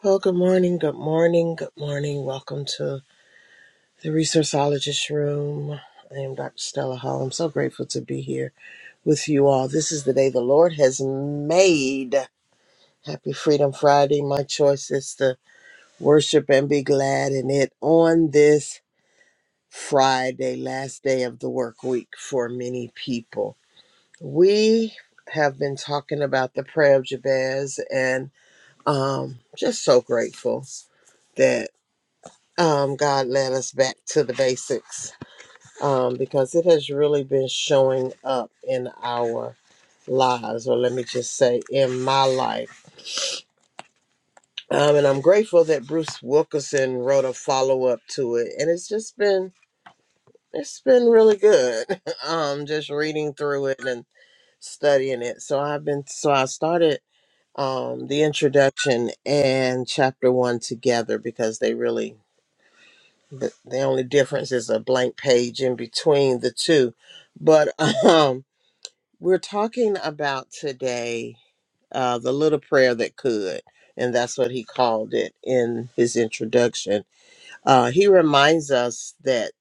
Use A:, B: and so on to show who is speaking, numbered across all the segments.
A: Well, good morning, good morning, good morning. Welcome to the Resourceologist Room. I am Dr. Stella Hall. I'm so grateful to be here with you all. This is the day the Lord has made. Happy Freedom Friday. My choice is to worship and be glad in it on this Friday, last day of the work week for many people. We have been talking about the prayer of Jabez and um just so grateful that. um, God led us back to the basics um, because it has really been showing up in our lives, or let me just say, in my life. Um, and I'm grateful that Bruce Wilkinson wrote a follow up to it, and it's just been it's been really good. um, just reading through it and studying it. So I've been so I started um, the introduction and chapter one together because they really the, the only difference is a blank page in between the two. But um, we're talking about today uh, the little prayer that could, and that's what he called it in his introduction. Uh, he reminds us that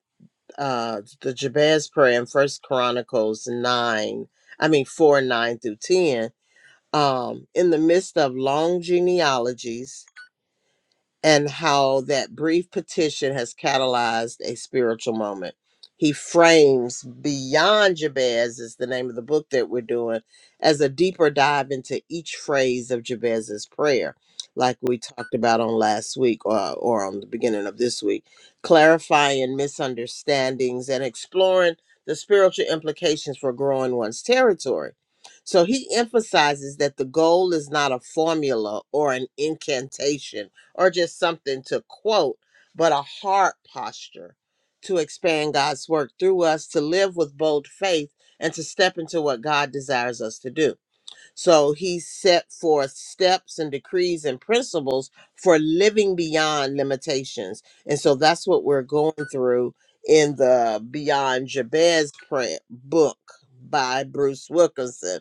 A: uh, the Jabez prayer in First Chronicles nine, I mean four nine through ten, um, in the midst of long genealogies and how that brief petition has catalyzed a spiritual moment. He frames Beyond Jabez, is the name of the book that we're doing, as a deeper dive into each phrase of Jabez's prayer, like we talked about on last week or, or on the beginning of this week, clarifying misunderstandings and exploring the spiritual implications for growing one's territory. So he emphasizes that the goal is not a formula or an incantation or just something to quote, but a heart posture to expand God's work through us, to live with bold faith, and to step into what God desires us to do. So he set forth steps and decrees and principles for living beyond limitations. And so that's what we're going through in the Beyond Jabez print book by Bruce Wilkinson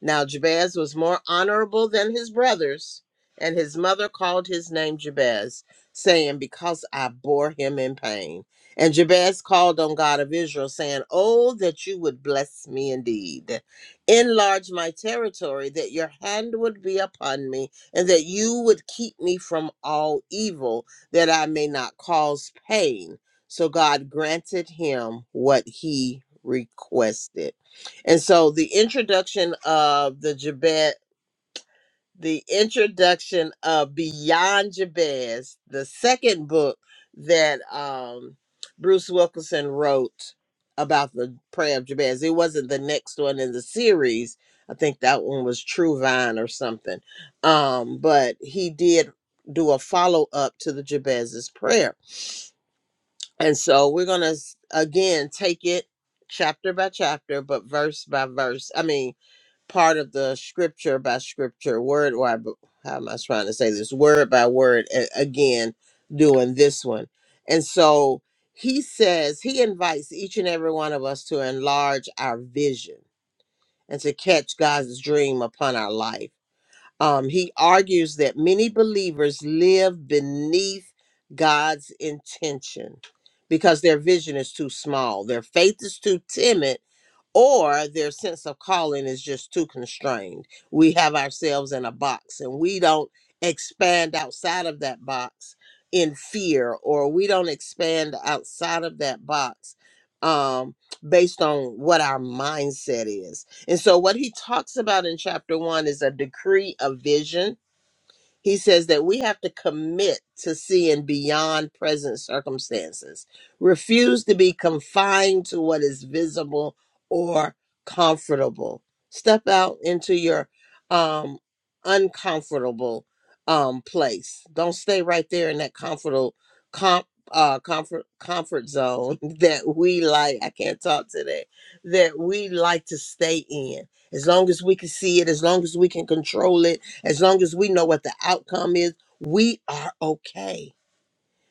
A: now Jabez was more honorable than his brothers, and his mother called his name Jabez, saying, Because I bore him in pain. And Jabez called on God of Israel, saying, Oh, that you would bless me indeed. Enlarge my territory, that your hand would be upon me, and that you would keep me from all evil, that I may not cause pain. So God granted him what he requested. And so the introduction of the Jabez, the introduction of Beyond Jabez, the second book that um, Bruce Wilkinson wrote about the prayer of Jabez. It wasn't the next one in the series. I think that one was True Vine or something. Um, but he did do a follow up to the Jabez's prayer. And so we're going to again take it chapter by chapter, but verse by verse. I mean, part of the scripture by scripture, word or I, how am I trying to say this? Word by word a- again, doing this one. And so he says, he invites each and every one of us to enlarge our vision and to catch God's dream upon our life. Um, he argues that many believers live beneath God's intention because their vision is too small, their faith is too timid or their sense of calling is just too constrained. We have ourselves in a box and we don't expand outside of that box in fear, or we don't expand outside of that box um, based on what our mindset is. And so, what he talks about in chapter one is a decree of vision he says that we have to commit to seeing beyond present circumstances, refuse to be confined to what is visible or comfortable. Step out into your um, uncomfortable um, place. Don't stay right there in that comfortable com- uh, comfort comfort zone that we like. I can't talk today. That we like to stay in. As long as we can see it, as long as we can control it as long as we know what the outcome is, we are okay.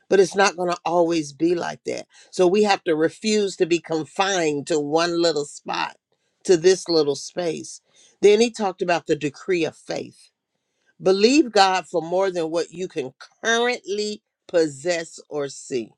A: But it's not going to always be like that. So we have to refuse to be confined to one little spot, to this little space. Then he talked about the decree of faith. Believe God for more than what you can currently possess or see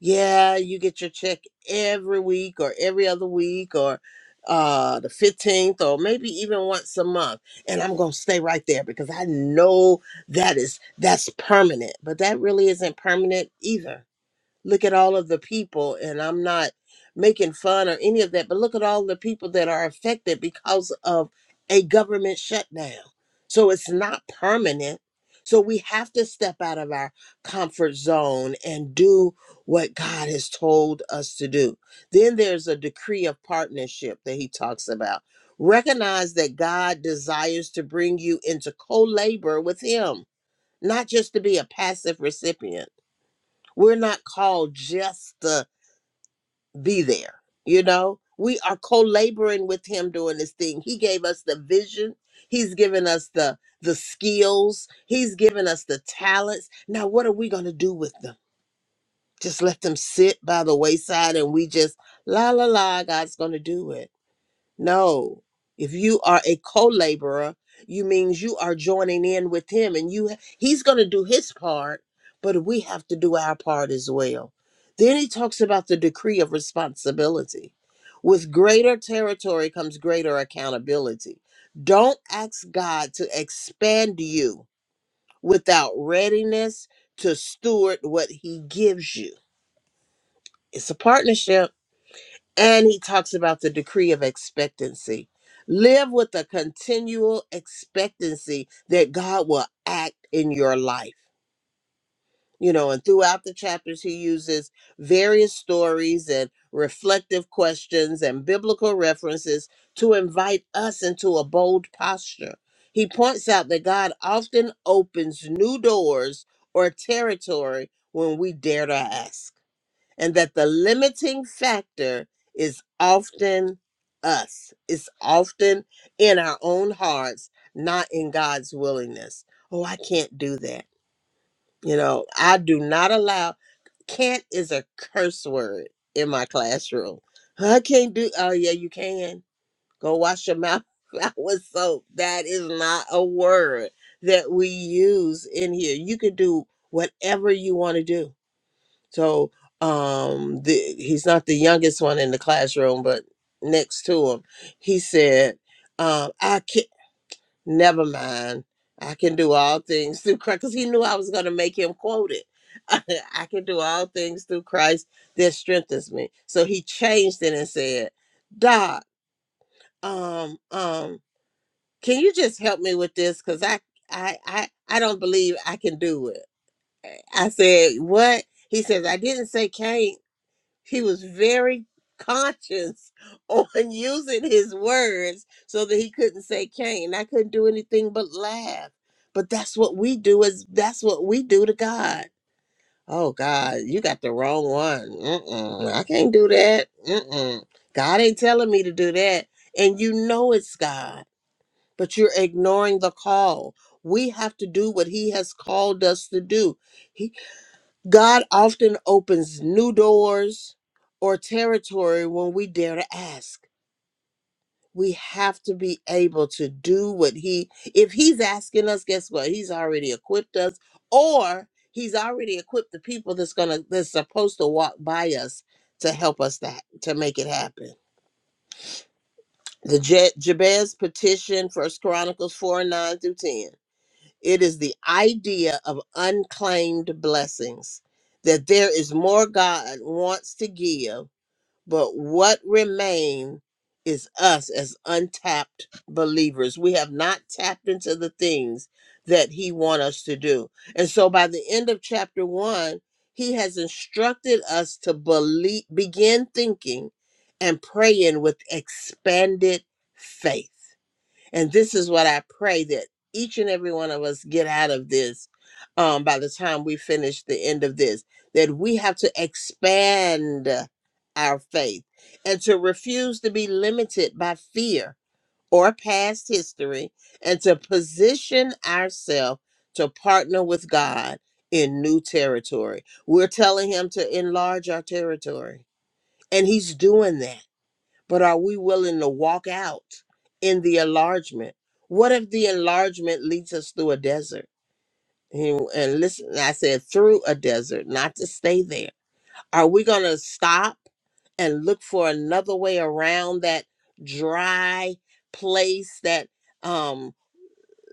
A: yeah, you get your check every week or every other week or uh the 15th or maybe even once a month. And I'm going to stay right there because I know that is that's permanent. But that really isn't permanent either look at all of the people and i'm not making fun or any of that but look at all the people that are affected because of a government shutdown so it's not permanent so we have to step out of our comfort zone and do what god has told us to do then there's a decree of partnership that he talks about recognize that god desires to bring you into co-labor with him not just to be a passive recipient we're not called just to be there, you know? We are co-laboring with him doing this thing. He gave us the vision. He's given us the the skills. He's given us the talents. Now what are we going to do with them? Just let them sit by the wayside and we just la la la God's going to do it no. If you are a co-laborer, you means you are joining in with him and you he's going to do his part, but we have to do our part as well. Then he talks about the decree of responsibility. With greater territory comes greater accountability. Don't ask God to expand you without readiness to steward what he gives you. It's a partnership and he talks about the decree of expectancy. Live with a continual expectancy that God will act in your life. You know, and throughout the chapters, he uses various stories and reflective questions and biblical references to invite us into a bold posture. He points out that God often opens new doors or territory when we dare to ask and that the limiting factor is often us. It's often in our own hearts, not in God's willingness. Oh, I can't do that. You know, I do not allow can't is a curse word in my classroom. I can't do oh yeah, you can. Go wash your mouth out with soap. That is not a word that we use in here. You could do whatever you want to do so um, the, he's not the youngest one in the classroom, but next to him, he said, um, "I can Never mind. I can do all things through Christ." Because he knew I was going to make him quote it. I can do all things through Christ that strengthens me. So he changed it and said, "Doc, um, um, can you just help me with this? Because I, I, I, I don't believe I can do it." I said, "What?" He says, "I didn't say can he was very conscious on using his words so that he couldn't say Cain. I couldn't do anything but laugh. But that's what we do is that's what we do to God. Oh God, you got the wrong one. Mm-mm, I can't do that. Mm-mm. God ain't telling me to do that. And you know it's God, but you're ignoring the call. We have to do what he has called us to do. He. God often opens new doors or territory when we dare to ask. We have to be able to do what He, if He's asking us, guess what? He's already equipped us, or He's already equipped the people that's gonna that's supposed to walk by us to help us that to make it happen. The Je- Jabez petition, First Chronicles four and nine through ten. It is the idea of unclaimed blessings that there is more God wants to give, but what remain is us as untapped believers. We have not tapped into the things that he wants us to do. And so by the end of chapter 1, he has instructed us to believe begin thinking and praying with expanded faith and this is what I pray that each and every one of us get out of this um, by the time we finish the end of this, that we have to expand our faith and to refuse to be limited by fear or past history and to position ourselves to partner with God in new territory. We're telling Him to enlarge our territory, and He's doing that but are we willing to walk out in the enlargement? What if the enlargement leads us through a desert? And, and listen, I said through a desert, not to stay there. Are we going to stop and look for another way around that dry place, that um,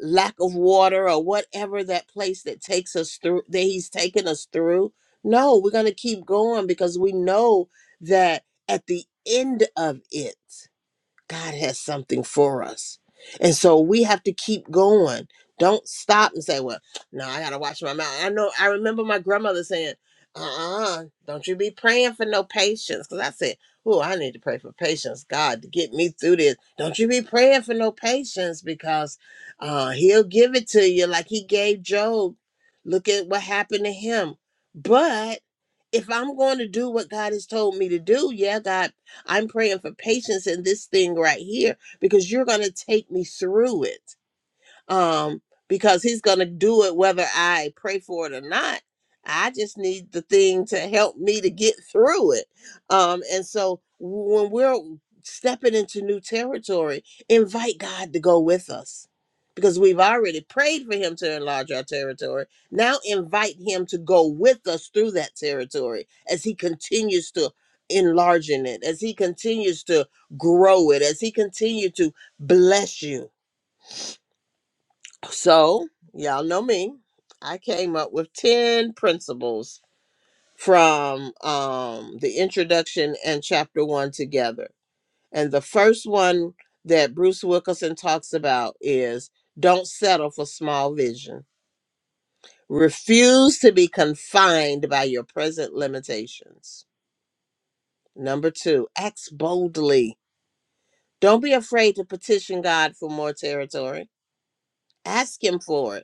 A: lack of water, or whatever that place that takes us through, that He's taken us through? No, we're going to keep going because we know that at the end of it, God has something for us. And so we have to keep going. Don't stop and say, well, no, I got to watch my mouth. I know, I remember my grandmother saying, uh uh do not you be praying for no patience. Because I said, oh, I need to pray for patience, God, to get me through this. Don't you be praying for no patience because uh, He'll give it to you like He gave Job. Look at what happened to him. But if I'm going to do what God has told me to do, yeah, God I'm praying for patience in this thing right here because you're going to take me through it um, because he's going to do it whether I pray for it or not. I just need the thing to help me to get through it. Um, and so when we're stepping into new territory, invite God to go with us because we've already prayed for him to enlarge our territory. Now invite him to go with us through that territory as he continues to enlarge in it, as he continues to grow it, as he continues to bless you so, y'all know me. I came up with 10 principles from um, the introduction and chapter one together. And the first one that Bruce Wilkinson talks about is don't settle for small vision. Refuse to be confined by your present limitations. Number two, act boldly. Don't be afraid to petition God for more territory. Ask Him for it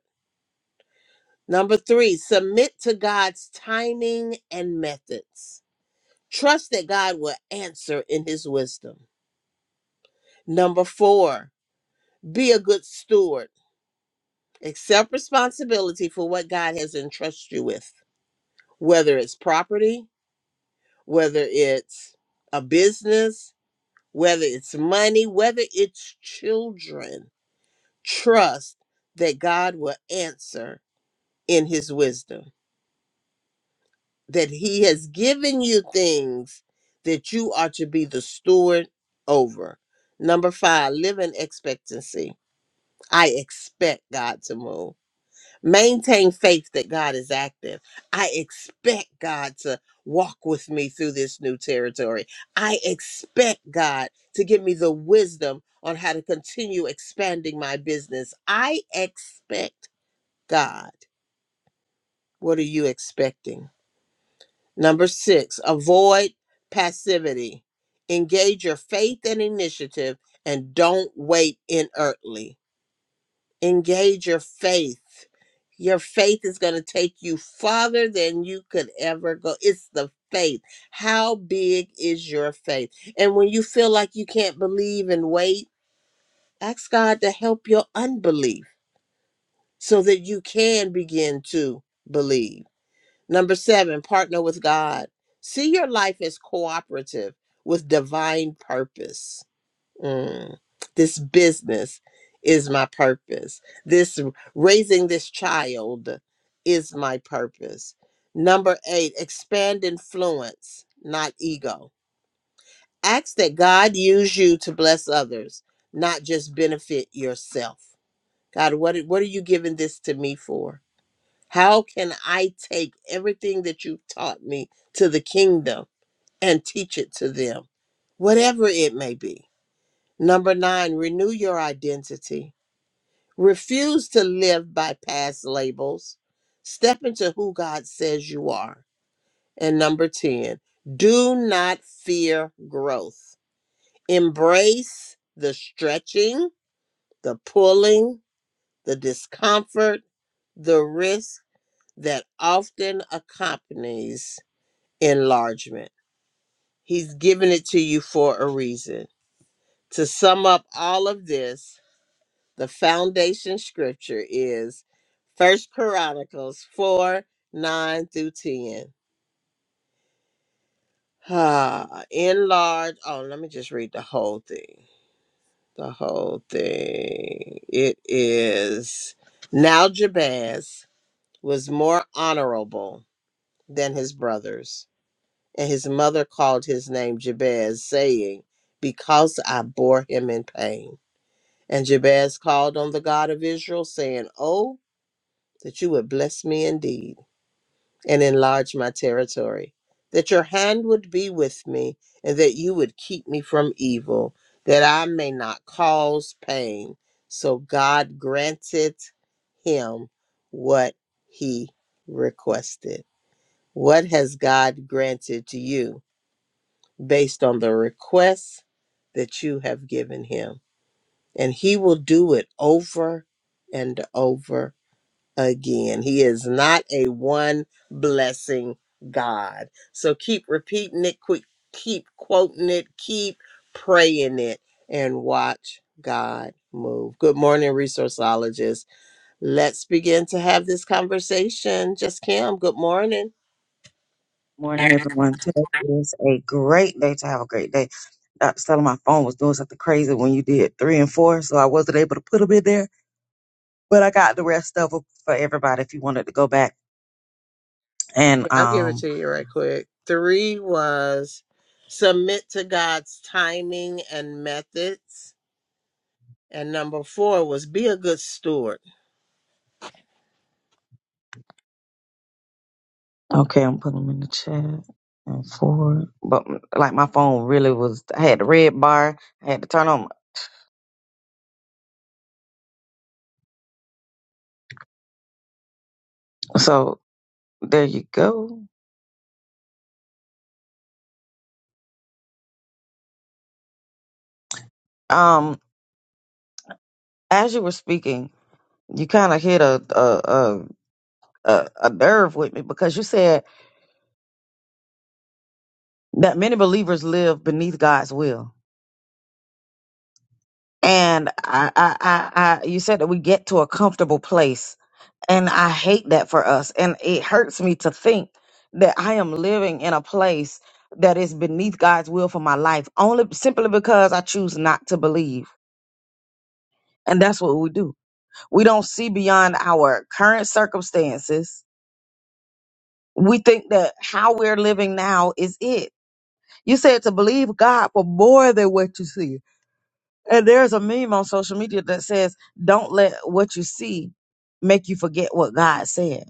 A: Number three, submit to God's timing and methods. Trust that God will answer in his wisdom. Number four, be a good steward. Accept responsibility for what God has entrusted you with, whether it's property, whether it's a business, whether it's money, whether it's children. Trust that God will answer in his wisdom. that he has given you things that you are to be the steward over. Number five, live in expectancy. I expect God to move. Maintain faith that God is active. I expect God to walk with me through this new territory. I expect God to give me the wisdom on how to continue expanding my business. I expect God. What are you expecting? Number six, avoid passivity. Engage your faith and initiative and don't wait inertly. Engage your faith. Your faith is going to take you farther than you could ever go. It's the faith. How big is your faith? And when you feel like you can't believe and wait, ask God to help your unbelief so that you can begin to believe. Number seven, partner with God. See your life as cooperative with divine purpose. Mm. This business is my purpose. This raising this child is my purpose. Number eight, expand influence, not ego. Ask that God use you to bless others, not just benefit yourself. God, what, what are you giving this to me for? How can I take everything that you've taught me to the kingdom and teach it to them? Whatever it may be. Number nine, renew your identity. Refuse to live by past labels. Step into who God says you are. And number 10, do not fear growth. Embrace the stretching, the pulling, the discomfort, the risk that often accompanies enlargement. He's given it to you for a reason. To sum up all of this, the foundation scripture is First Chronicles 4 9 through 10. Ah, enlarge. Oh, let me just read the whole thing. The whole thing. It is now Jabez was more honorable than his brothers And his mother called his name Jabez, saying, Because I bore him in pain. And Jabez called on the God of Israel, saying, Oh, that you would bless me indeed and enlarge my territory, that your hand would be with me, and that you would keep me from evil, that I may not cause pain. So God granted him what he requested. What has God granted to you? based on the requests that you have given him. And he will do it over and over again. He is not a one blessing God. So keep repeating it, quick, keep quoting it, keep praying it, and watch God move. Good morning, resourceologists. Let's begin to have this conversation. Just Kim, good morning.
B: Morning, everyone. Today is a great day to have a great day. Dr. Stella, my phone was doing something crazy when you did three and four, so I wasn't able to put them in there, but I got the rest of them for everybody if you wanted to go back. And,
A: I'll give it
B: um,
A: to you right quick. Three was submit to God's timing and methods. And number four was be a good steward.
B: okay, I'm putting them in the chat and four, but like my phone really was, I had the red bar, I had to turn on. So there you go. Um, as you were speaking, you kind of hit a, a, a, a, a nerve with me because you said that many believers live beneath God's will. And I, I, I, I, you said that we get to a comfortable place, and I hate that for us. And it hurts me to think that I am living in a place that is beneath God's will for my life, only simply because I choose not to believe. And that's what we do. We don't see beyond our current circumstances. We think that how we're living now is it. You said to believe God for more than what you see And there's a meme on social media that says, "Don't let what you see make you forget what God said."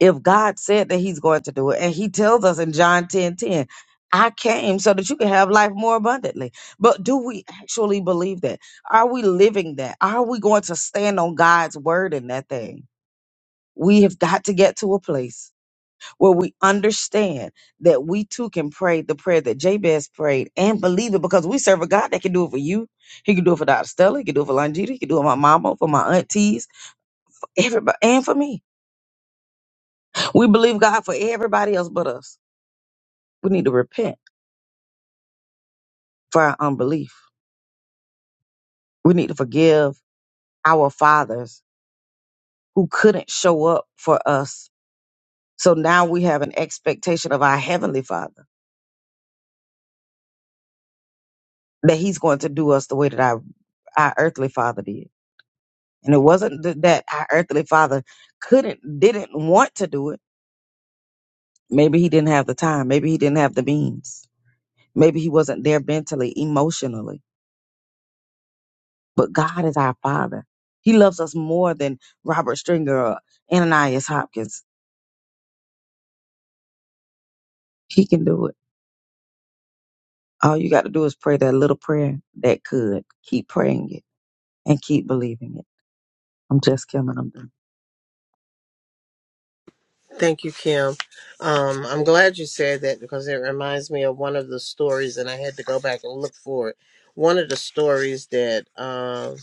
B: If God said that He's going to do it, and He tells us in John ten ten, "I came so that you can have life more abundantly." But do we actually believe that? Are we living that? Are we going to stand on God's word in that thing? We have got to get to a place where we understand that we too can pray the prayer that Jabez prayed and believe it because we serve a God that can do it for you. He can do it for Dr. Stella. He can do it for Longita. He can do it for my mama, for my aunties, for everybody, and for me. We believe God for everybody else but us. We need to repent for our unbelief. We need to forgive our fathers who couldn't show up for us. So now we have an expectation of our heavenly father that he's going to do us the way that our, our earthly father did. And it wasn't th- that our earthly father couldn't, didn't want to do it. Maybe he didn't have the time. Maybe he didn't have the means. Maybe he wasn't there mentally, emotionally. But God is our father. He loves us more than Robert Stringer or Ananias Hopkins. He can do it. All you got to do is pray that little prayer that could. Keep praying it and keep believing it. I'm just killing them.
A: Thank you, Kim. Um, I'm glad you said that because it reminds me of one of the stories, and I had to go back and look for it. One of the stories that um,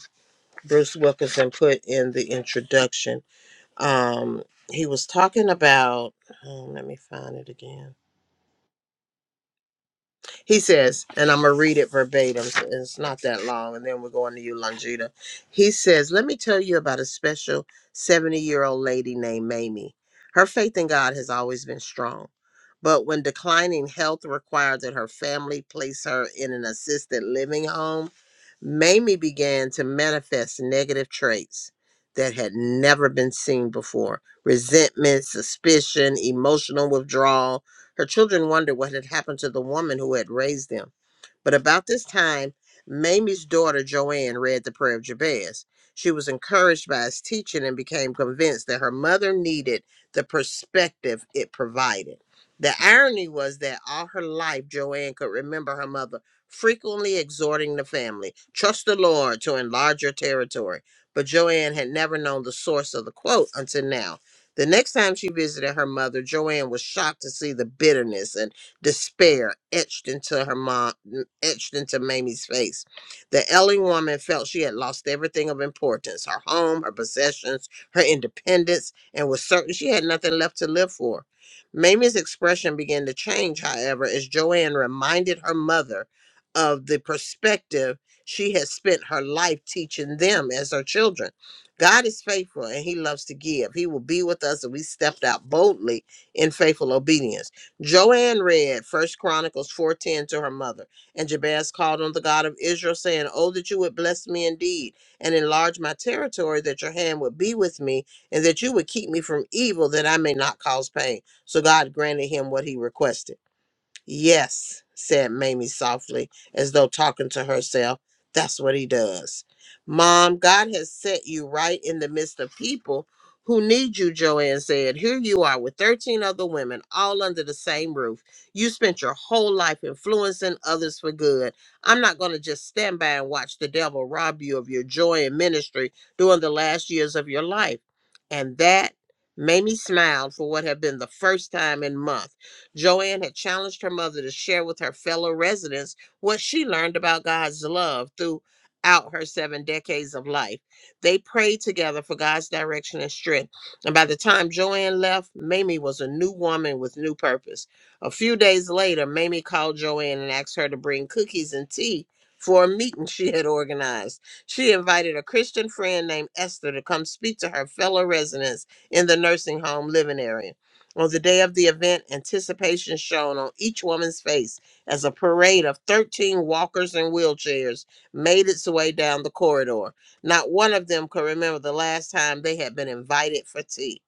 A: Bruce Wilkinson put in the introduction. Um, he was talking about, oh, let me find it again He says, and I'm going to read it verbatim. so It's not that long. And then we're going to you, Longita. He says, Let me tell you about a special 70 year old lady named Mamie. Her faith in God has always been strong. But when declining health required that her family place her in an assisted living home, Mamie began to manifest negative traits that had never been seen before resentment, suspicion, emotional withdrawal, her children wondered what had happened to the woman who had raised them. But about this time, Mamie's daughter Joanne read the prayer of Jabez. She was encouraged by his teaching and became convinced that her mother needed the perspective it provided. The irony was that all her life, Joanne could remember her mother frequently exhorting the family, trust the Lord to enlarge your territory. But Joanne had never known the source of the quote until now. The next time she visited her mother, Joanne was shocked to see the bitterness and despair etched into her mom, etched into Mamie's face. The ailing woman felt she had lost everything of importance her home, her possessions, her independence, and was certain she had nothing left to live for. Mamie's expression began to change, however, as Joanne reminded her mother of the perspective she had spent her life teaching them as her children. God is faithful and he loves to give. He will be with us if we stepped out boldly in faithful obedience. Joanne read First Chronicles 4:10 to her mother, and Jabez called on the God of Israel, saying, "Oh, that you would bless me indeed, and enlarge my territory, that your hand would be with me, and that you would keep me from evil, that I may not cause pain." So God granted him what he requested. Yes, said Mamie softly, as though talking to herself. That's what he does. Mom, God has set you right in the midst of people who need you, Joanne said. Here you are with 13 other women, all under the same roof. You spent your whole life influencing others for good. I'm not going to just stand by and watch the devil rob you of your joy and ministry during the last years of your life. And that, Mamie smiled for what had been the first time in months Joanne had challenged her mother to share with her fellow residents what she learned about God's love throughout her seven decades of life. They prayed together for God's direction and strength. And by the time Joanne left, Mamie was a new woman with new purpose. A few days later, Mamie called Joanne and asked her to bring cookies and tea for a meeting she had organized. She invited a Christian friend named Esther to come speak to her fellow residents in the nursing home living area. On the day of the event, anticipation shone on each woman's face as a parade of 13 walkers and wheelchairs made its way down the corridor. Not one of them could remember the last time they had been invited for tea.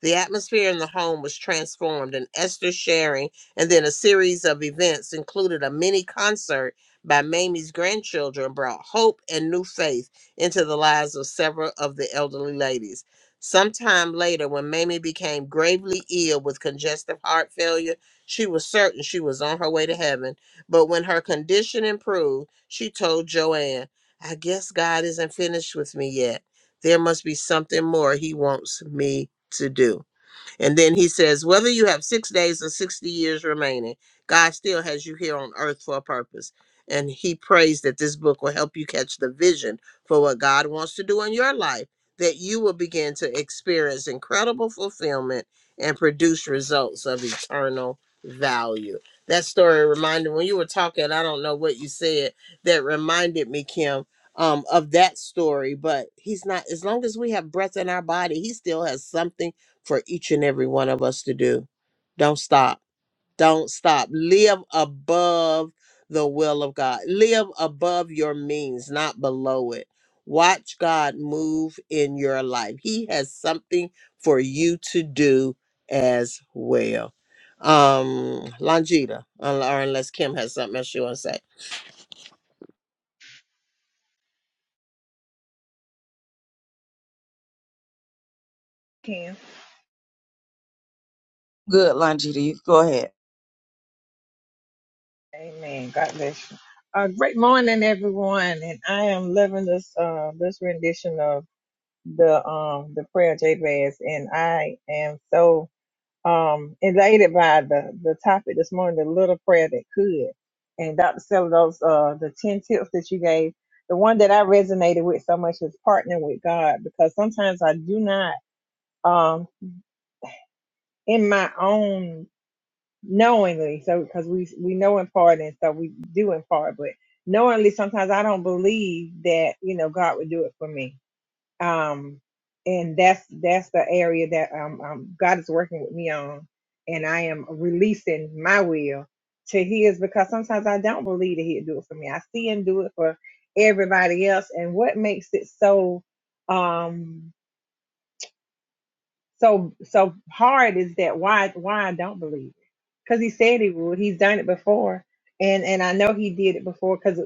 A: The atmosphere in the home was transformed, and Esther sharing, and then a series of events included a mini concert by Mamie's grandchildren, brought hope and new faith into the lives of several of the elderly ladies. Sometime later, when Mamie became gravely ill with congestive heart failure, she was certain she was on her way to heaven. But when her condition improved, she told Joanne, I guess God isn't finished with me yet. There must be something more he wants me to do. And then he says, whether you have six days or 60 years remaining, God still has you here on earth for a purpose. And he prays that this book will help you catch the vision for what God wants to do in your life, that you will begin to experience incredible fulfillment and produce results of eternal value. That story reminded when you were talking, I don't know what you said, that reminded me, Kim, um, of that story. But he's not, as long as we have breath in our body, he still has something for each and every one of us to do. Don't stop. Don't stop. Live above the will of God. Live above your means, not below it. Watch God move in your life. He has something for you to do as well. Um, Longita, un- or unless Kim has something else she wants to say.
C: Can.
B: Good, Longita. You go ahead.
C: Amen. God bless you. Uh, great morning, everyone. And I am loving this uh, this rendition of the um the prayer Jabez, and I am so um elated by the the topic this morning, the little prayer that could. And Dr. Celos, uh, the ten tips that you gave, the one that I resonated with so much was partnering with God, because sometimes I do not um in my own knowingly so because we we know in part and stuff we do in part but knowingly sometimes i don't believe that you know god would do it for me um and that's that's the area that um, um god is working with me on and i am releasing my will to his because sometimes i don't believe that he'd do it for me i see him do it for everybody else and what makes it so um so so hard is that why why I don't believe it because he said he would. He's done it before, and and I know he did it before because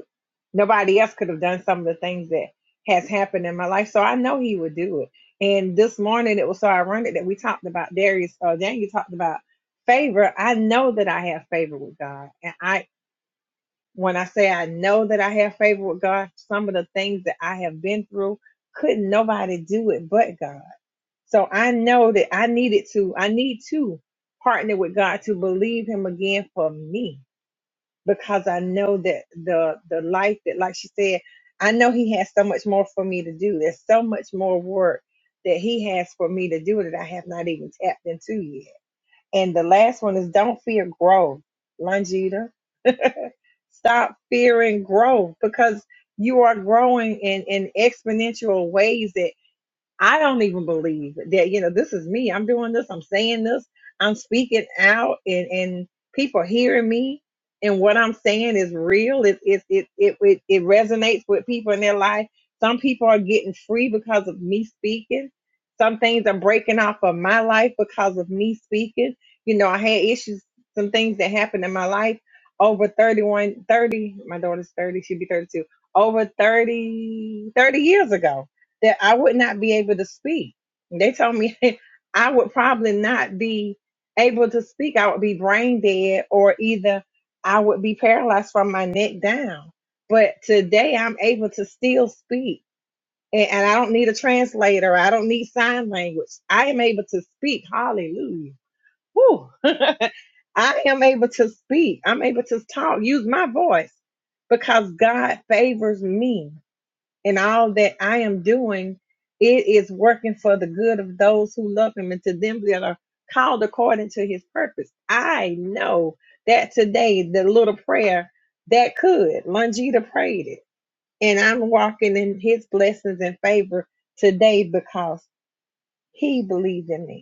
C: nobody else could have done some of the things that has happened in my life. So I know he would do it. And this morning it was so ironic that we talked about Darius. Uh, Daniel talked about favor. I know that I have favor with God, and I when I say I know that I have favor with God, some of the things that I have been through couldn't nobody do it but God so I know that I needed to, I need to partner with God to believe him again for me because I know that the the life that like she said, I know he has so much more for me to do. There's so much more work that he has for me to do that I have not even tapped into yet. And the last one is don't fear growth, Longita. Stop fearing growth because you are growing in, in exponential ways I don't even believe that, you know, this is me. I'm doing this. I'm saying this. I'm speaking out and, and people hearing me and what I'm saying is real. It, it, it, it, it, it resonates with people in their life. Some people are getting free because of me speaking. Some things are breaking off of my life because of me speaking. You know, I had issues, some things that happened in my life over 31, 30. my daughter's 30, she'd be 32, over 30, 30 years ago that I would not be able to speak. They told me I would probably not be able to speak. I would be brain dead or either I would be paralyzed from my neck down. But today I'm able to still speak. And, and I don't need a translator. I don't need sign language. I am able to speak. Hallelujah. Whew. I am able to speak. I'm able to talk, use my voice because God favors me and all that I am doing, it is working for the good of those who love him and to them that are called according to his purpose. I know that today, the little prayer that could, Longita prayed it. And I'm walking in his blessings and favor today because he believed in me.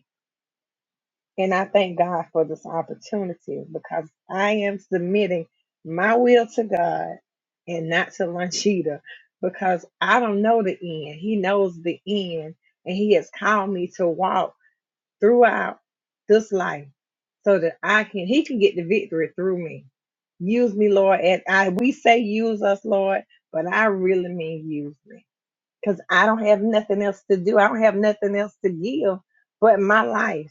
C: And I thank God for this opportunity because I am submitting my will to God and not to Lanchita because I don't know the end. He knows the end and He has called me to walk throughout this life so that I can, He can get the victory through me. Use me, Lord. And I, we say use us, Lord, but I really mean use me because I don't have nothing else to do. I don't have nothing else to give but my life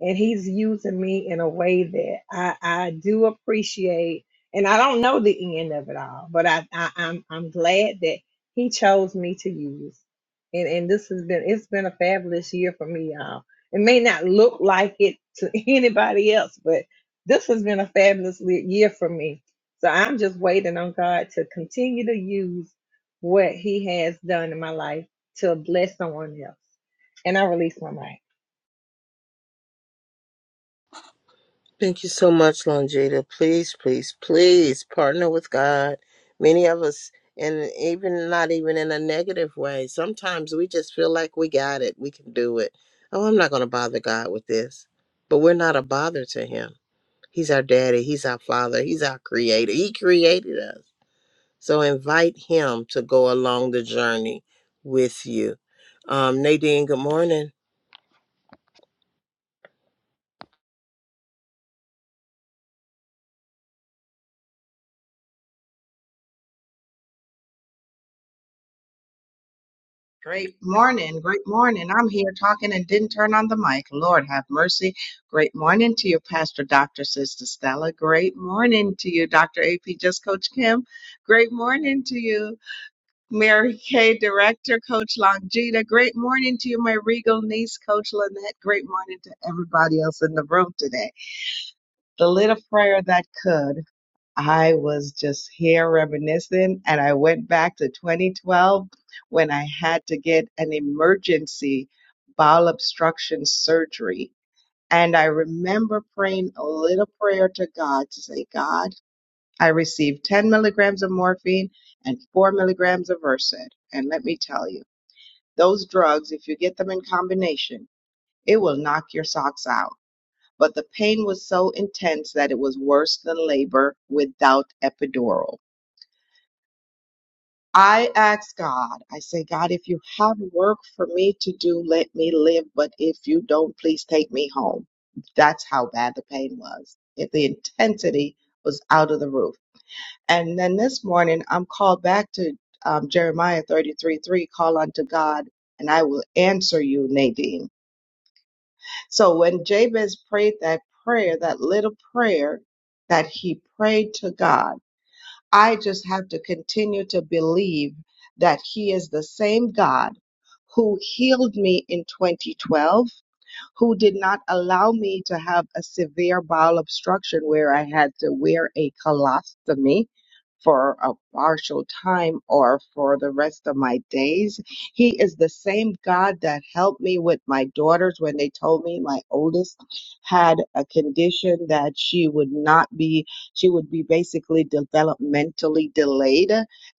C: and he's using me in a way that I, I do appreciate. And I don't know the end of it all, but I, I I'm I'm glad that he chose me to use. And and this has been it's been a fabulous year for me, y'all. It may not look like it to anybody else, but this has been a fabulous le- year for me. So I'm just waiting on God to continue to use what He has done in my life to bless someone else. And I release my mic.
A: Thank you so much, Longita. Please, please, please partner with God. Many of us, and even not even in a negative way, sometimes we just feel like we got it, we can do it. Oh, I'm not going to bother God with this. But we're not a bother to Him. He's our daddy. He's our father. He's our creator. He created us. So invite him to go along the journey with you. Um, Nadine, good morning.
D: Great morning. Great morning. I'm here talking and didn't turn on the mic. Lord have mercy. Great morning to you, Pastor Dr. Sister Stella. Great morning to you, Dr. AP, just Coach Kim. Great morning to you, Mary Kay, Director, Coach Longita. Great morning to you, my regal niece, Coach Lynette. Great morning to everybody else in the room today. The little prayer that could. I was just here reminiscing, and I went back to 2012 when I had to get an emergency bowel obstruction surgery. And I remember praying a little prayer to God to say, God, I received 10 milligrams of morphine and 4 milligrams of Versed. And let me tell you, those drugs, if you get them in combination, it will knock your socks out. But the pain was so intense that it was worse than labor without epidural. I ask God, I say, God, if you have work for me to do, let me live. But if you don't, please take me home. That's how bad the pain was. If the intensity was out of the roof. And then this morning, I'm called back to um, Jeremiah 33 3, call unto God, and I will answer you, Nadine. So when Jabez prayed that prayer, that little prayer that he prayed to God, I just have to continue to believe that He is the same God who healed me in 2012, who did not allow me to have a severe bowel obstruction where I had to wear a colostomy for a partial time or for the rest of my days. He is the same God that helped me with my daughters when they told me my oldest had a condition that she would not be, she would be basically developmentally delayed.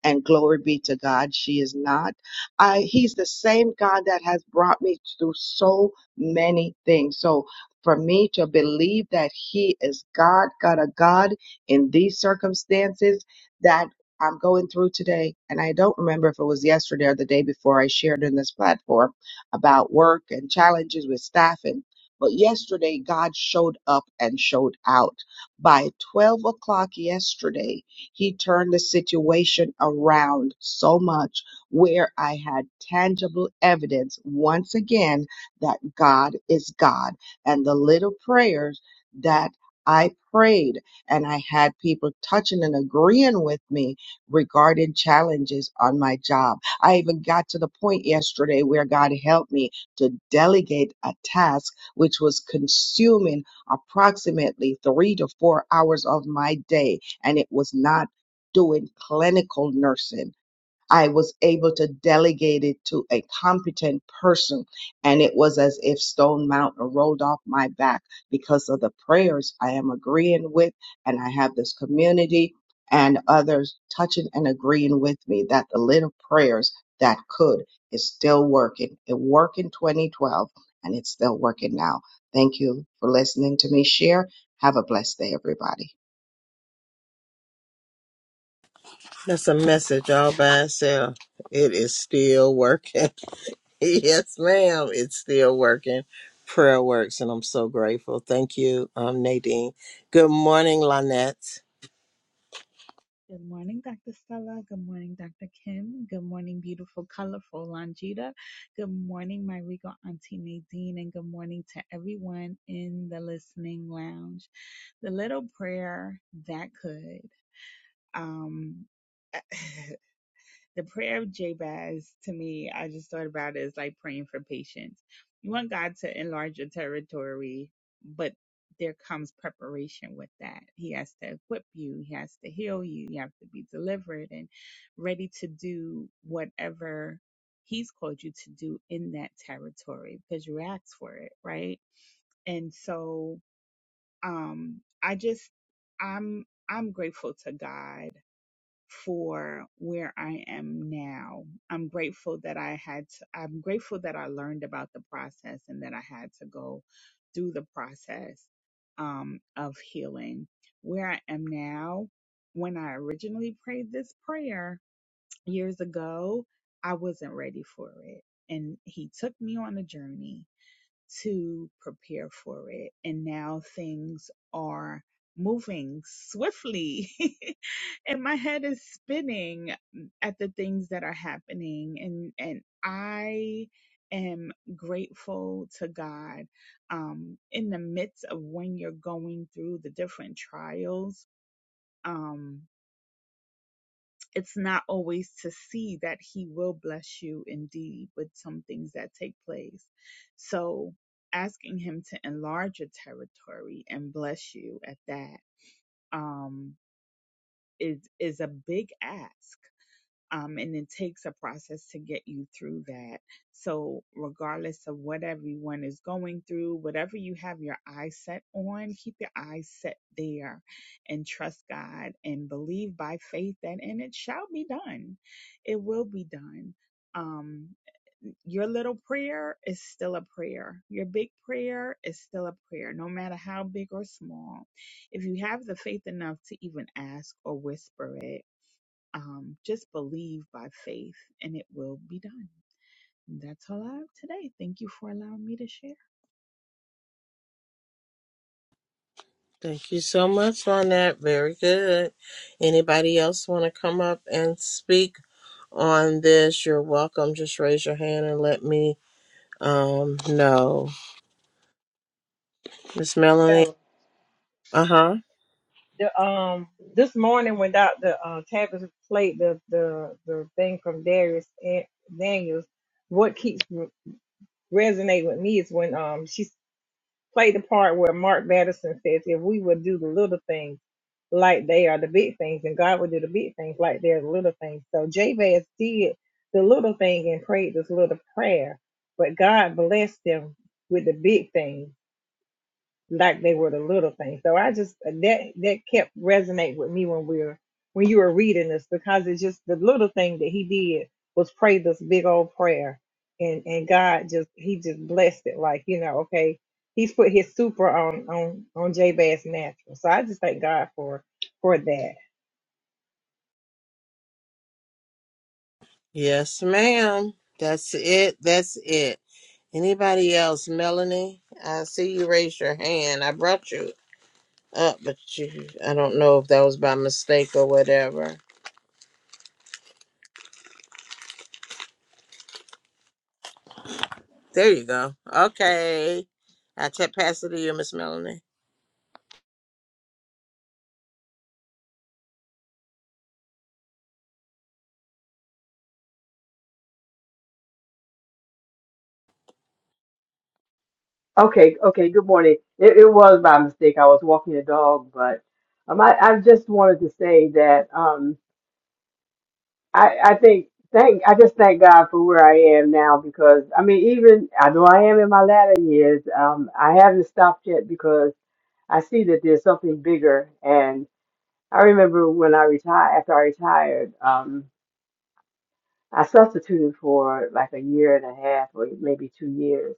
D: And glory be to God, she is not. I, he's the same God that has brought me through so many things. So for me to believe that he is God, God of God in these circumstances, that I'm going through today. And I don't remember if it was yesterday or the day before I shared in this platform about work and challenges with staffing. But yesterday, God showed up and showed out. By 12 o'clock yesterday, He turned the situation around so much where I had tangible evidence once again that God is God. And the little prayers that I prayed and I had people touching and agreeing with me regarding challenges on my job. I even got to the point yesterday where God helped me to delegate a task which was consuming approximately three to four hours of my day, and it was not doing clinical nursing. I was able to delegate it to a competent person. And it was as if Stone Mountain rolled off my back because of the prayers I am agreeing with. And I have this community and others touching and agreeing with me that the little prayers that could is still working. It worked in 2012 and it's still working now. Thank you for listening to me share. Have a blessed day, everybody.
A: That's a message all by itself. It is still working. yes, ma'am. It's still working. Prayer works, and I'm so grateful. Thank you, um, Nadine. Good morning, Lynette.
E: Good morning, Dr. Stella. Good morning, Dr. Kim. Good morning, beautiful, colorful Longita. Good morning, my regal auntie Nadine. And good morning to everyone in the listening lounge. The little prayer that could. Um, the prayer of Jabez to me, I just thought about it as like praying for patience. You want God to enlarge your territory, but there comes preparation with that. He has to equip you, He has to heal you, you have to be delivered and ready to do whatever He's called you to do in that territory because you asked for it, right? And so, um, I just, I'm, I'm grateful to God for where I am now. I'm grateful that I had to, I'm grateful that I learned about the process and that I had to go through the process um, of healing. Where I am now, when I originally prayed this prayer years ago, I wasn't ready for it. And he took me on a journey to prepare for it. And now things are moving swiftly and my head is spinning at the things that are happening and and I am grateful to God um in the midst of when you're going through the different trials. Um it's not always to see that he will bless you indeed with some things that take place. So asking him to enlarge your territory and bless you at that um is is a big ask. Um, and it takes a process to get you through that. So, regardless of what everyone is going through, whatever you have your eyes set on, keep your eyes set there and trust God and believe by faith that, and it shall be done. It will be done. Um, your little prayer is still a prayer. Your big prayer is still a prayer, no matter how big or small. If you have the faith enough to even ask or whisper it, um, just believe by faith and it will be done. That's all I have today. Thank you for allowing me to share.
A: Thank you so much, Lynette. Very good. Anybody else want to come up and speak? on this, you're welcome. Just raise your hand and let me um know. Miss Melanie. Uh-huh.
C: the um this morning when Dr. Uh, Tavis played the the the thing from Darius and Daniels, what keeps re- resonating with me is when um she played the part where Mark Madison says, "If we would do the little things like they are the big things, and God would do the big things like they're the little things." So Jabez did the little thing and prayed this little prayer, but God blessed him with the big thing like they were the little things. So I just uh, that that kept resonate with me when we were when you were reading this because it's just the little thing that he did was pray this big old prayer and and God just he just blessed it like you know okay he's put his super on on on Jabez natural. So I just thank God for for that.
A: Yes, ma'am. That's it. That's it. Anybody else? Melanie, I see you raise your hand. I brought you up, but you I don't know if that was by mistake or whatever. There you go. Okay. I t- pass it to you, Miss Melanie.
F: Okay, okay, good morning. It, it was by mistake. I was walking the dog, but um, I, I just wanted to say that um, I, I think thank I just thank God for where I am now because I mean even I know I am in my latter years. Um, I haven't stopped yet because I see that there's something bigger. And I remember when I retired after I retired, um, I substituted for like a year and a half or maybe two years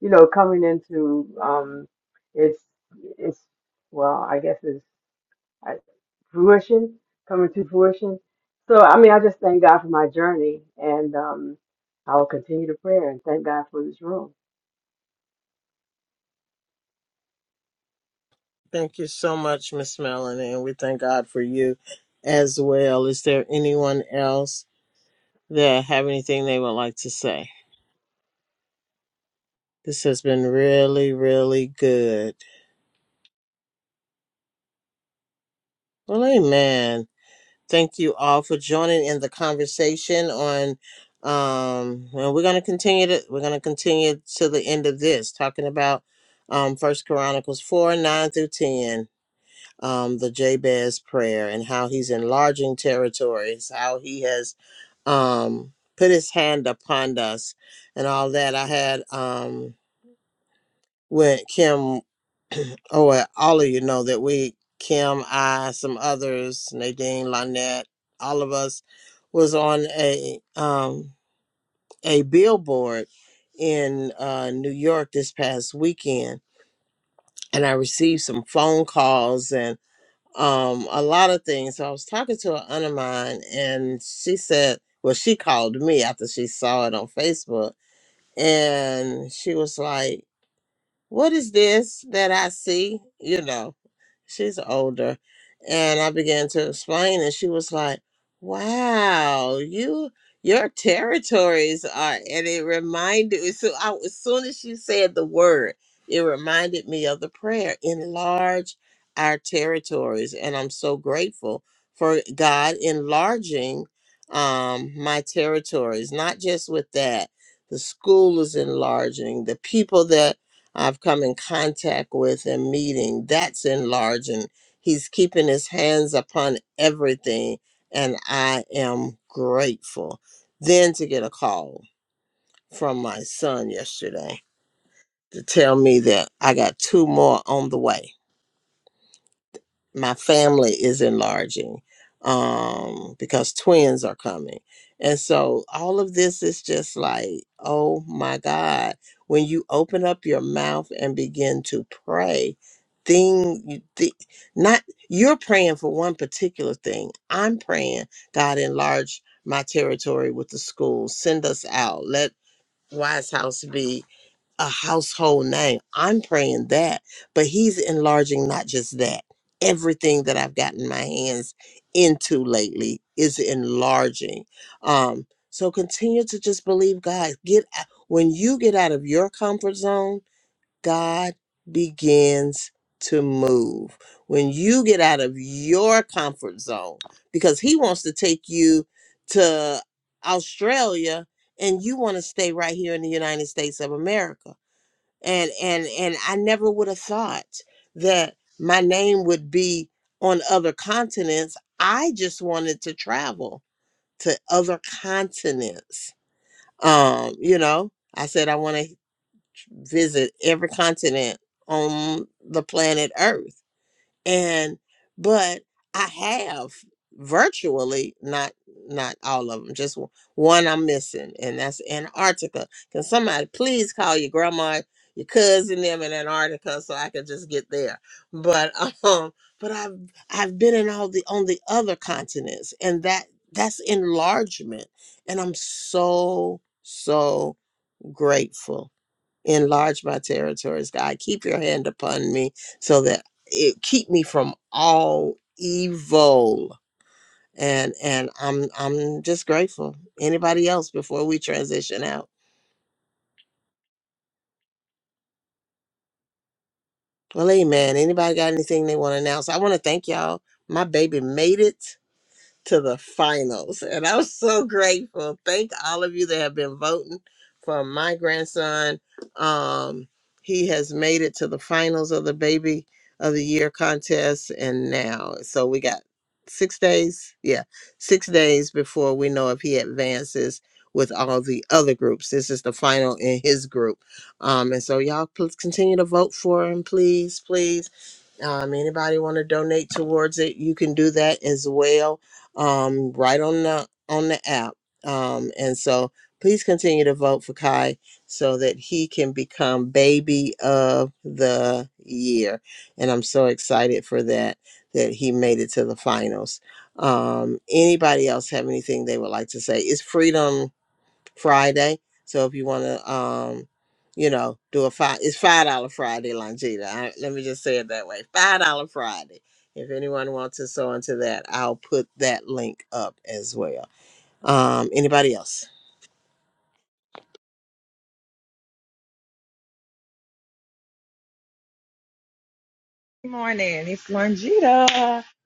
F: you know, coming into um, its its well, I guess it's uh, fruition, coming to fruition. So I mean, I just thank God for my journey, and um, I will continue to pray and thank God for this room.
A: Thank you so much, Miss Melanie, and we thank God for you as well. Is there anyone else? that have anything they would like to say. This has been really, really good. Well, amen. Thank you all for joining in the conversation on um and we're gonna continue to we're gonna continue to the end of this, talking about um First Chronicles four, nine through ten, um, the Jabez prayer and how he's enlarging territories, how he has um put his hand upon us and all that. I had um with Kim Oh, well, all of you know that we, Kim, I, some others, Nadine, Lynette, all of us, was on a um, a billboard in uh, New York this past weekend, and I received some phone calls and um, a lot of things. So I was talking to an aunt of mine, and she said, "Well, she called me after she saw it on Facebook, and she was like." what is this that I see? You know, she's older. And I began to explain, and she was like, wow, you. Your territories are, and it reminded me. So, I, as soon as she said the word, it reminded me of the prayer enlarge our territories. And I'm so grateful for God enlarging um, my territories, not just with that. The school is enlarging, the people that I've come in contact with and meeting. That's enlarging. He's keeping his hands upon everything, and I am grateful. Then to get a call from my son yesterday to tell me that I got two more on the way my family is enlarging um because twins are coming and so all of this is just like oh my god when you open up your mouth and begin to pray thing you thi- not you're praying for one particular thing i'm praying god enlarge my territory with the schools send us out let wise house be a household name. I'm praying that, but he's enlarging not just that. Everything that I've gotten my hands into lately is enlarging. Um, so continue to just believe God. Get out- when you get out of your comfort zone, God begins to move. When you get out of your comfort zone, because He wants to take you to Australia, and you want to stay right here in the United States of America and and and I never would have thought that my name would be on other continents. I just wanted to travel to other continents. Um, you know, I said I want to visit every continent on the planet Earth and but i have virtually not not all of them just one i'm missing and that's antarctica can somebody please call your grandma your cousin them in antarctica so i can just get there but um but i've i've been in all the on the other continents and that that's enlargement and i'm so so grateful enlarge my territories god keep your hand upon me so that it keep me from all evil and and i'm i'm just grateful anybody else before we transition out well amen anybody got anything they want to announce i want to thank y'all my baby made it to the finals. And I'm so grateful. Thank all of you that have been voting for my grandson. Um, he has made it to the finals of the baby of the year contest. And now, so we got six days. Yeah, six days before we know if he advances with all the other groups. This is the final in his group. Um, and so y'all please continue to vote for him, please, please. Um, anybody want to donate towards it, you can do that as well um, right on the on the app. Um, and so please continue to vote for Kai so that he can become baby of the year. And I'm so excited for that that he made it to the finals. Um, anybody else have anything they would like to say? It's freedom Friday. So if you want to, um, you know, do a five, it's five dollar Friday, Longita. I, let me just say it that way, five dollar Friday. If anyone wants to sew into that, I'll put that link up as well. Um, anybody else?
C: Good morning. It's Longita.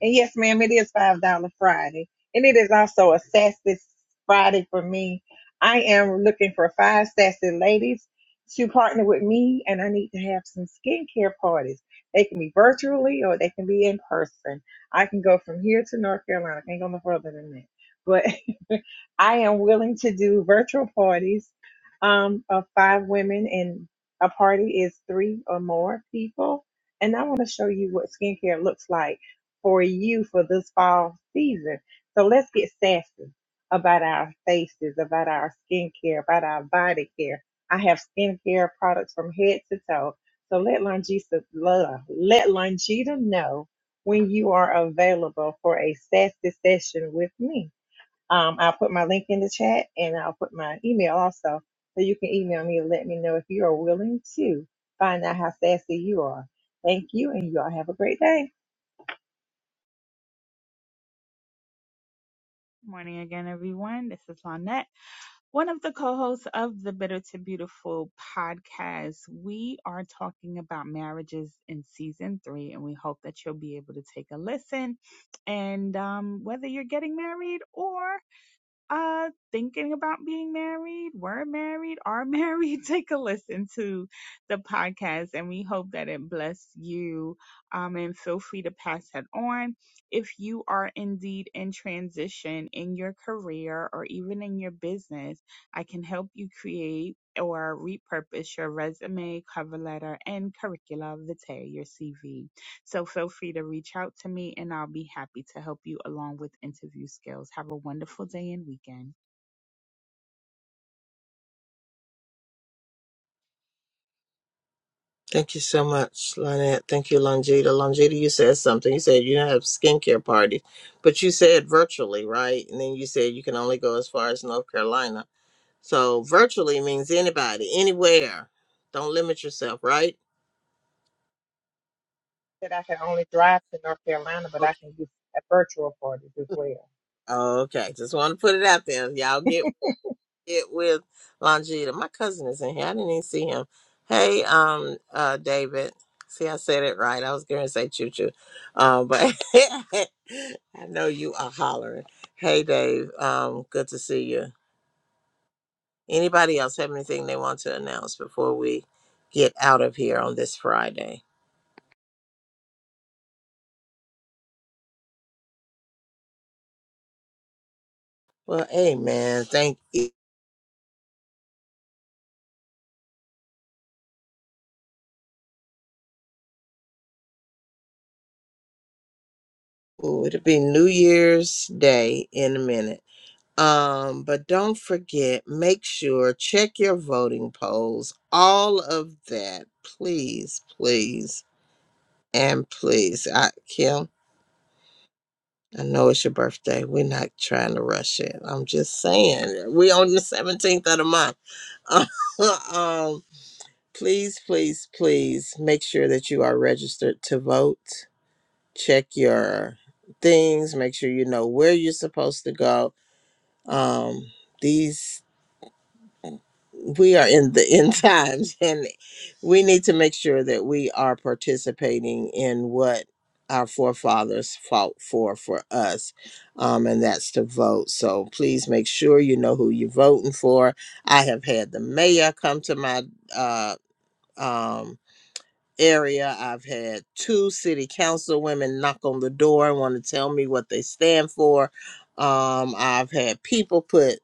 C: And yes, ma'am, it is $5 Friday. And it is also a Sassy Friday for me. I am looking for five sassy ladies to partner with me, and I need to have some skincare parties. They can be virtually or they can be in person. I can go from here to North Carolina. I can't go no further than that. But I am willing to do virtual parties um, of five women, and a party is three or more people and I want to show you what skincare looks like for you for this fall season. So let's get sassy about our faces, about our skincare, about our body care. I have skincare products from head to toe. So let Longita, la- let Longita know when you are available for a sassy session with me. Um, I'll put my link in the chat and I'll put my email also. So you can email me and let me know if you are willing to find out how sassy you are. Thank you and you all have a great day.
E: Morning again, everyone. This is Lonette, one of the co hosts of the Bitter to Beautiful podcast. We are talking about marriages in season three, and we hope that you'll be able to take a listen. And um, whether you're getting married or uh thinking about being married, were married, are married, take a listen to the podcast and we hope that it bless you. Um and feel free to pass that on. If you are indeed in transition in your career or even in your business, I can help you create or repurpose your resume, cover letter, and curricula vitae, your CV. So feel free to reach out to me and I'll be happy to help you along with interview skills. Have a wonderful day and weekend.
A: Thank you so much, Lynette. Thank you, Longita. Longita, you said something. You said you don't have skincare parties, but you said virtually, right? And then you said you can only go as far as North Carolina. So virtually means anybody, anywhere. Don't limit yourself, right?
C: That I can only drive to North Carolina, but I can do a virtual parties as well.
A: Okay, just want to put it out there. Y'all get it with Longita. My cousin is in here. I didn't even see him. Hey, um, uh, David. See, I said it right. I was going to say choo choo, um, but I know you are hollering. Hey, Dave. Um, good to see you. Anybody else have anything they want to announce before we get out of here on this Friday? Well, hey, man, thank you. Ooh, it'll be New Year's Day in a minute. Um, but don't forget, make sure, check your voting polls, all of that. Please, please, and please. I Kim, I know it's your birthday. We're not trying to rush it. I'm just saying. We on the 17th of the month. um, please, please, please make sure that you are registered to vote. Check your things, make sure you know where you're supposed to go. Um, these we are in the end times and we need to make sure that we are participating in what our forefathers fought for for us um, and that's to vote so please make sure you know who you're voting for i have had the mayor come to my uh, um, area i've had two city council women knock on the door and want to tell me what they stand for um, i've had people put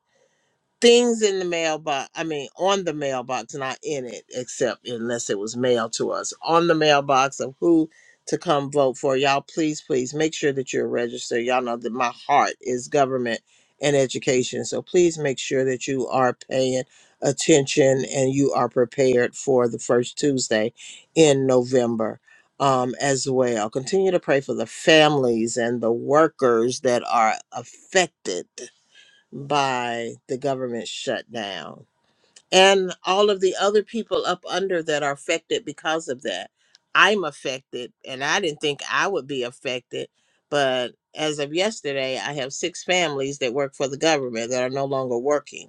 A: things in the mailbox i mean on the mailbox not in it except unless it was mailed to us on the mailbox of who to come vote for y'all please please make sure that you're registered y'all know that my heart is government and education so please make sure that you are paying attention and you are prepared for the first tuesday in november um, as well continue to pray for the families and the workers that are affected by the government shutdown and all of the other people up under that are affected because of that. I'm affected, and I didn't think I would be affected, but as of yesterday, I have six families that work for the government that are no longer working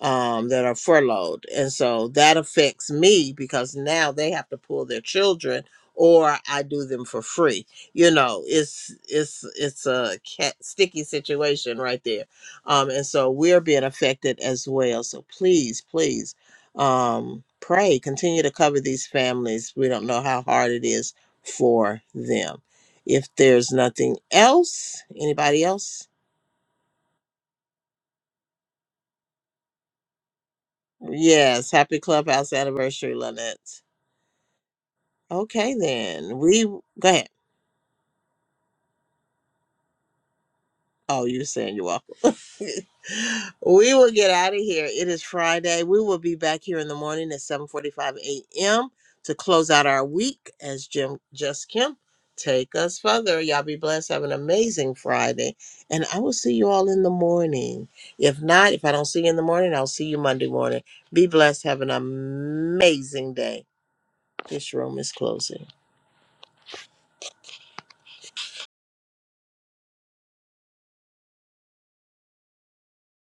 A: um, that are furloughed. And so that affects me because now they have to pull their children or I do them for free. You know, it's it's it's a cat, sticky situation right there. Um, and so we're being affected as well. So please, please um, pray, continue to cover these families. We don't know how hard it is for them. If there's nothing else, anybody else? Yes, happy clubhouse anniversary, Lynette. Okay, then we go ahead. Oh, you were saying you're welcome. we will get out of here. It is Friday. We will be back here in the morning at 7:45 a.m. to close out our week as Jim Just Kim take us further. Y'all be blessed. Have an amazing Friday, and I will see you all in the morning. If not, if I don't see you in the morning, I'll see you Monday morning. Be blessed. Have an amazing day. This room is closing.